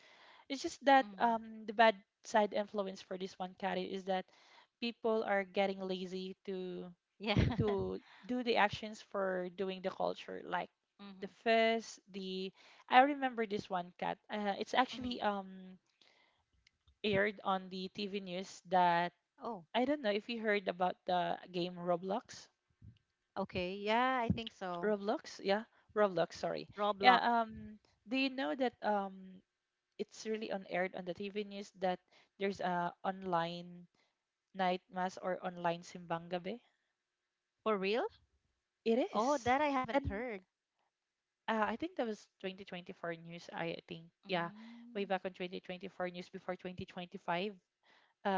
It's just that, Mhm. The bad side influence for this one, Kari, is that people are getting lazy Yeah. to do the actions for doing the culture, like the Mhm. first, the, I remember this one, Kat. It's Mhm. actually, um, aired on the TV news that, Oh, I don't know if you heard about the game Roblox. okay. Yeah, I think so. Roblox, yeah, Roblox. Sorry, yeah. Roblox. Do you know that, um, it's really on aired on the TV news that there's a online night mass or online simbang gabi. For real? It Oh, is. that I haven't And heard. I think that was 2024 news. I think, yeah, way Mm. back on 2024 news before 2025.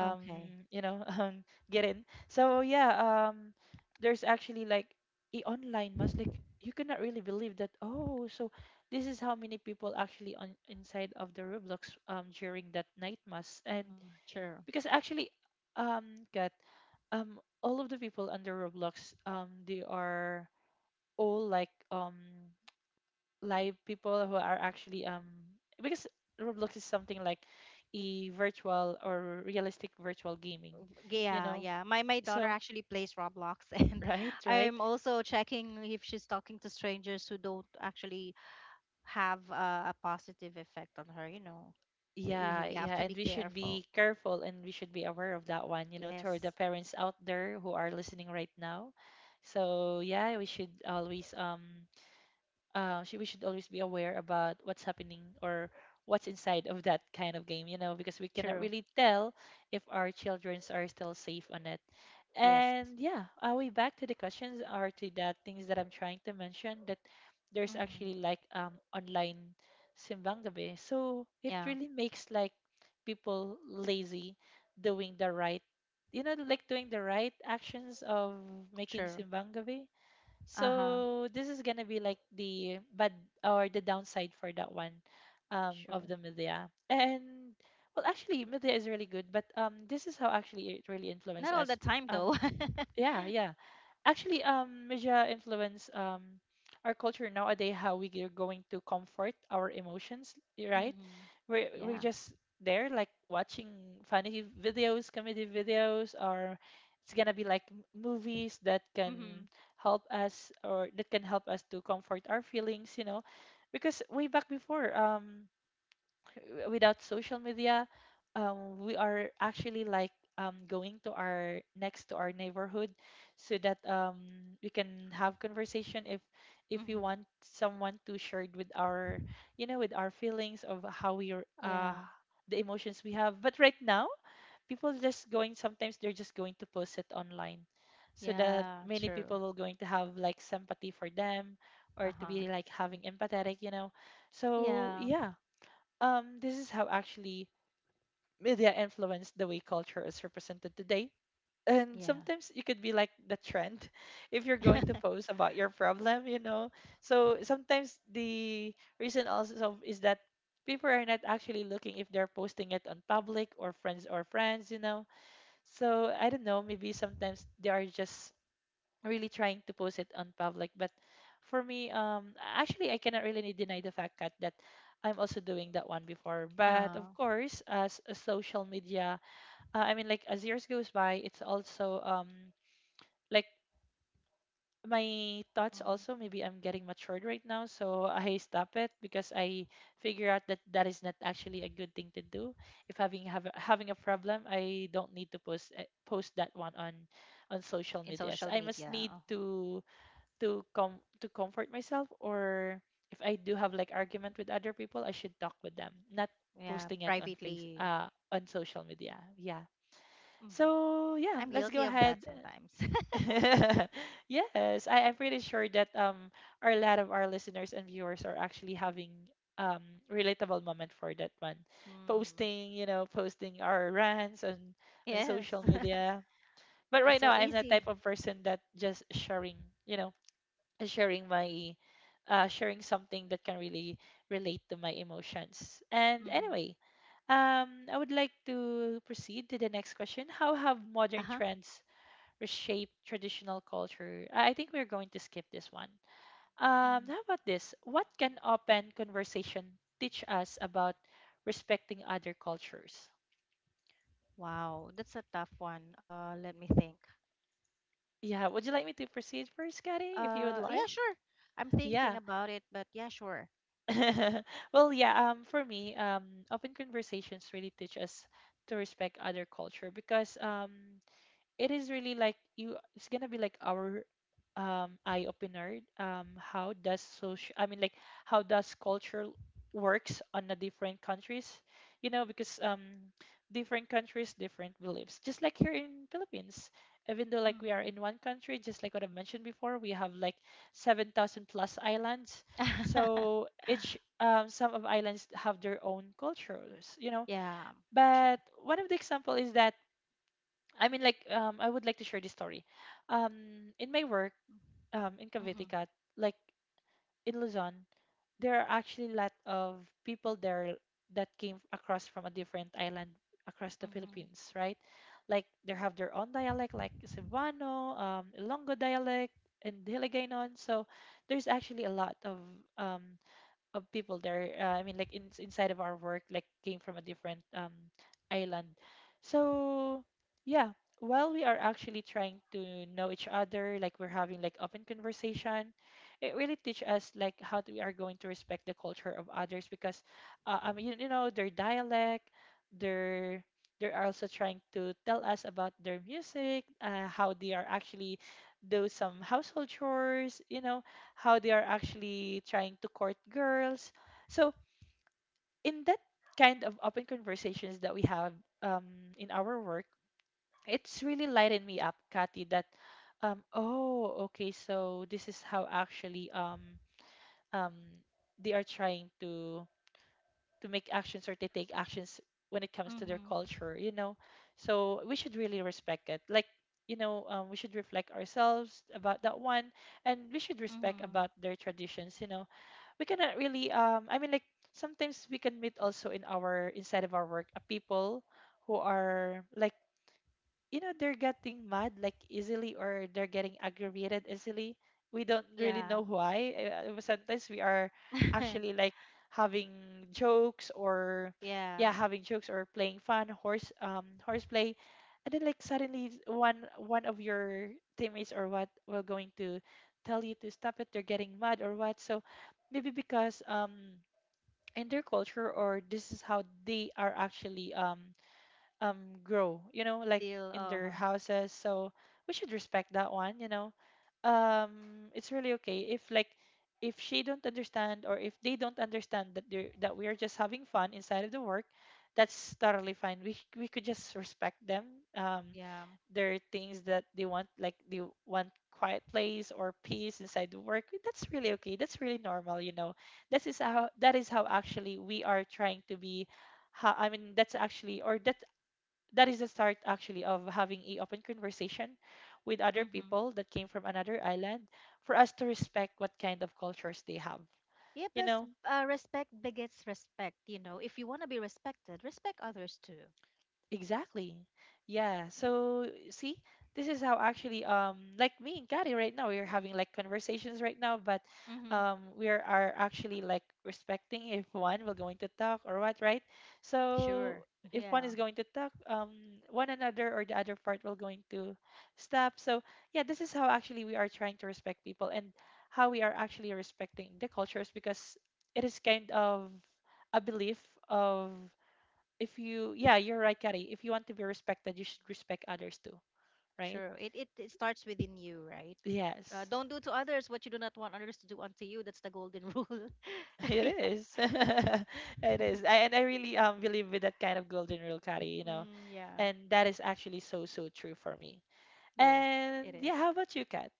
Okay. you know, get in. So yeah, there's actually like a online mass. Like, you cannot really believe that. Oh, so this is how many people actually on inside of the Roblox during that night mass. And Mhm. Sure. because actually got all of the people under roblox, um, they are all like, um, live people who are actually um, because roblox is something like a virtual or realistic virtual gaming, you Yeah, know, yeah. My daughter so, actually plays Roblox and right, right. I'm also checking if she's talking to strangers who don't actually have a positive effect on her. We, we Yeah, we have yeah, to and be we should careful. be careful and we should be aware of that one, you know, to the Yes, parents out there who are listening right now. So yeah, we should always, um, we should always be aware about what's happening, or what's inside of that kind of game, you know, because we cannot true. really tell if our childrens are still safe on it. Yes. And yeah, are we back to the questions or to the things that I'm trying to mention that there's actually Mm-hmm. like, um, online simbang gabi. So it Yeah, really makes like people lazy doing the right, you know, like doing the right actions of making true. simbang gabi. Uh-huh. So this is gonna be like the bad or the downside for that one, Sure. of the media. And well, actually, media is really good, but this is how actually it really Not influenced all the us. time Um, though. yeah, yeah. Actually, media influence our culture nowadays, how we are going to comfort our emotions, right? Mm-hmm. We're Yeah. just there like watching funny videos, comedy videos, or it's gonna be like movies that Mm-hmm. can help us, or that can help us to comfort our feelings, you know, because way back before, without social media, we are actually like, going to our next to our neighborhood so that, we can have conversation, if we Mm-hmm. want someone to share with our, you know, with our feelings of how we are, Yeah. the emotions we have. But right now, people just going, sometimes they're just going to post it online so that Yeah, many true. people will going to have like sympathy for them, or to Uh-huh. be like having empathetic, you know. So Yeah. yeah, this is how actually media influenced the way culture is represented today. And Yeah. sometimes you could be like the trend if you're going to post about your problem, you know. So sometimes the reason also so is that people are not actually looking if they're posting it on public or friends, you know. So I don't know, maybe sometimes they are just really trying to post it on public. But for me, actually, I cannot really deny the fact that, that I'm also doing that one before. But uh, of course, as, a social media, I mean, like as years goes by, it's also like my thoughts um, also, maybe I'm getting matured right now, so I stop it because I figure out that that is not actually a good thing to do. If having have, having a problem, I don't need to post post that one on social in medias. social I must media. need Uh-huh. To com to comfort myself, or if I do have like argument with other people, I should talk with them, not Yeah, posting it on face privately. On social media. Yeah. Hmm. So yeah, I'm let's go guilty of that ahead. sometimes. Yes, I'm pretty sure that our lot of our listeners and viewers are actually having, um, relatable moment for that one. Mm. Posting, you know, posting our rants on Yes. social media. But It's right now so I'm the easy. type of person that just sharing, you know, sharing my, sharing something that can really relate to my emotions. And Mm-hmm. anyway, I would like to proceed to the next question. How have modern Uh-huh. trends reshaped traditional culture? I think we're going to skip this one. Mm. How about this? What can open conversation teach us about respecting other cultures? Wow, that's a tough one. Let me think. Yeah, would you like me to proceed first, Kari, if you would Yeah, like? sure. I'm thinking Yeah. about it, but yeah, sure. well, yeah, for me, open conversations really teach us to respect other culture, because it is really like, you, it's gonna be like our eye opener, um, how does social I mean like how does culture works on the different countries, you know, because, um, different countries different beliefs, just like here in philippines, even though like we are Hmm. in one country, just like what I mentioned before, we have like 7,000 plus islands, so each, um, some of islands have their own cultures, you know, Yeah, true. but one of the example is that, I mean, like, I would like to share this story. In my work, in Cavite, Mm-hmm. Cat, like in Luzon, there are actually a lot of people there that came across from a different island across the Mm-hmm. Philippines, right? Like, they have their own dialect, like Cebuano, Ilonggo dialect, and Hiligaynon. So, there's actually a lot of, um, of people there. Like in, inside of our work, like came from a different island. So yeah, while we are actually trying to know each other, like we're having like open conversation, it really teach us like how we are going to respect the culture of others because, you, you know, their dialect, their they're also trying to tell us about their music, how they are actually do some household chores, you know, how they are actually trying to court girls. So in that kind of open conversations that we have, um, in our work, it's really lightened me up, Kathy, that oh, okay, so this is how actually um, they are trying to make actions or to take actions when it comes to their Mm-hmm. culture, you know. So we should really respect it. Like, you know, we should reflect ourselves about that one, and we should respect Mm-hmm. about their traditions, you know. We cannot really I mean like sometimes we can meet also in our inside of our work, people who are like, you know, they're getting mad like easily or they're getting aggravated easily. We don't really Yeah. know why. Sometimes we are actually like having jokes or Yeah. yeah having jokes or playing fun horse horseplay, and then like suddenly one of your teammates or what will going to tell you to stop it. They're getting mad or what. So maybe because in their culture, or this is how they are actually um grow, you know, like Deal. in their Uh-huh. houses. So we should respect that one, you know. um it's really okay if like if she don't understand or if they don't understand that they that we are just having fun inside of the work. That's totally fine. We could just respect them. um Yeah. there are things that they want, like they want quiet place or peace inside the work. That's really okay. That's really normal, you know. That is how actually we are trying to be, how I mean that's actually or that that is the start actually of having a open conversation with other Mm-hmm. people that came from another island, for us to respect what kind of cultures they have, Yeah, you plus know. Respect begets respect. If you want to be respected, respect others too. Exactly. Yeah. Right? So see, this is how actually, like me and Kari right now, we're having like conversations right now, but Mm-hmm. We are actually like respecting if one will going to talk or what, right? So Sure. if one Yeah. is going to talk, one another or the other part will going to stop. So yeah, this is how actually we are trying to respect people and how we are actually respecting the cultures, because it is kind of a belief of, if you, yeah, you're right Kari. If you want to be respected, you should respect others too, right? True. It starts within you, right? Yes. Don't do to others what you do not want others to do unto you. That's the golden rule. It Yeah. is. It is. I really believe with that kind of golden rule, Kari, you know, Mm, yeah. and that is actually so so true for me. Yes, And it is. yeah, how about you, Kat?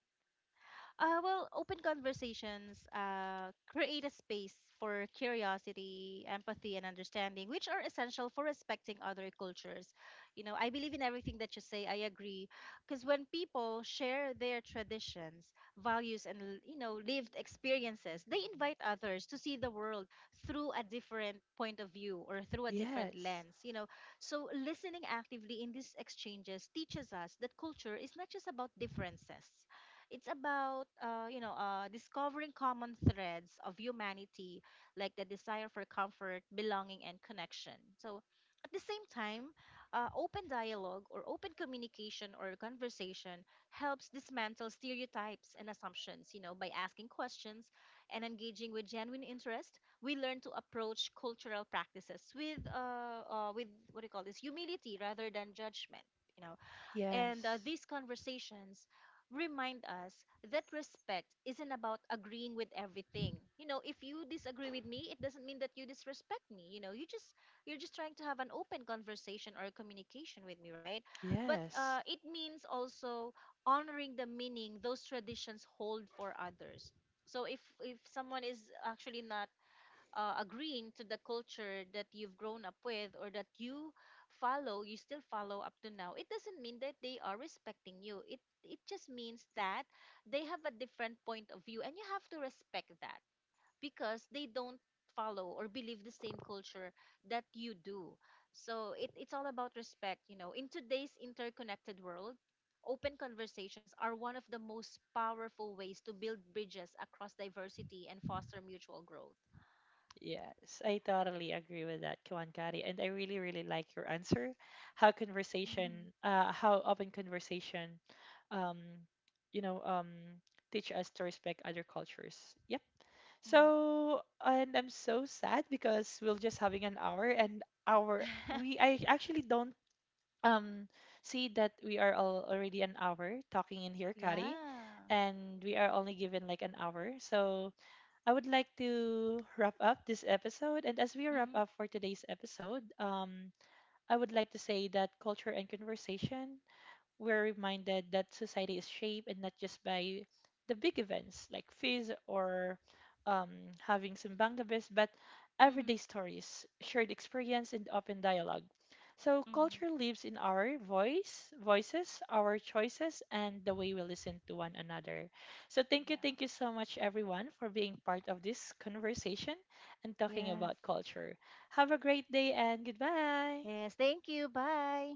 Well, open conversations create a space for curiosity, empathy, and understanding, which are essential for respecting other cultures. I believe in everything that you say. I agree, because when people share their traditions, values, and lived experiences, they invite others to see the world through a different point of view or through a different Yes. lens. So listening actively in these exchanges teaches us that culture is not just about differences, it's about discovering common threads of humanity, like the desire for comfort, belonging, and connection. So at the same time, open dialogue or open communication or conversation helps dismantle stereotypes and assumptions. By asking questions and engaging with genuine interest, we learn to approach cultural practices with, with what do you call this, humility rather than judgment. You know and Yes. these conversations remind us that respect isn't about agreeing with everything. If you disagree with me, it doesn't mean that you disrespect me. You're just trying to have an open conversation or communication with me, right? But Yes. it means also honoring the meaning those traditions hold for others. So if someone is actually not agreeing to the culture that you've grown up with or that you follow, you still follow up to now, it doesn't mean that they are respecting you. It just means that they have a different point of view and you have to respect that because they don't follow or believe the same culture that you do. So it's all about respect. In today's interconnected world, open conversations are one of the most powerful ways to build bridges across diversity and foster mutual growth. Yes, I totally agree with that, Kwan Kari, and I really, really like your answer. How conversation, how open conversation, um, you know, um, teach us to respect other cultures. Yep. Mhm. So, and I'm so sad because we're just having an hour, and our we I actually don't um see that we are all already an hour talking in here, Kari, Yeah. and we are only given like an hour. So I would like to wrap up this episode. And as we wrap Mhm. up for today's episode, I would like to say that culture and conversation, we're reminded that society is shaped and not just by the big events like fizz or, um, having some bangabis, but Mhm. everyday stories, shared experience, and open dialogue. So Mhm. culture lives in our voices, our choices, and the way we listen to one another. So thank you Yeah. so much, everyone, for being part of this conversation and talking Yes. about culture. Have a great day and goodbye. Yes. Thank you. Bye.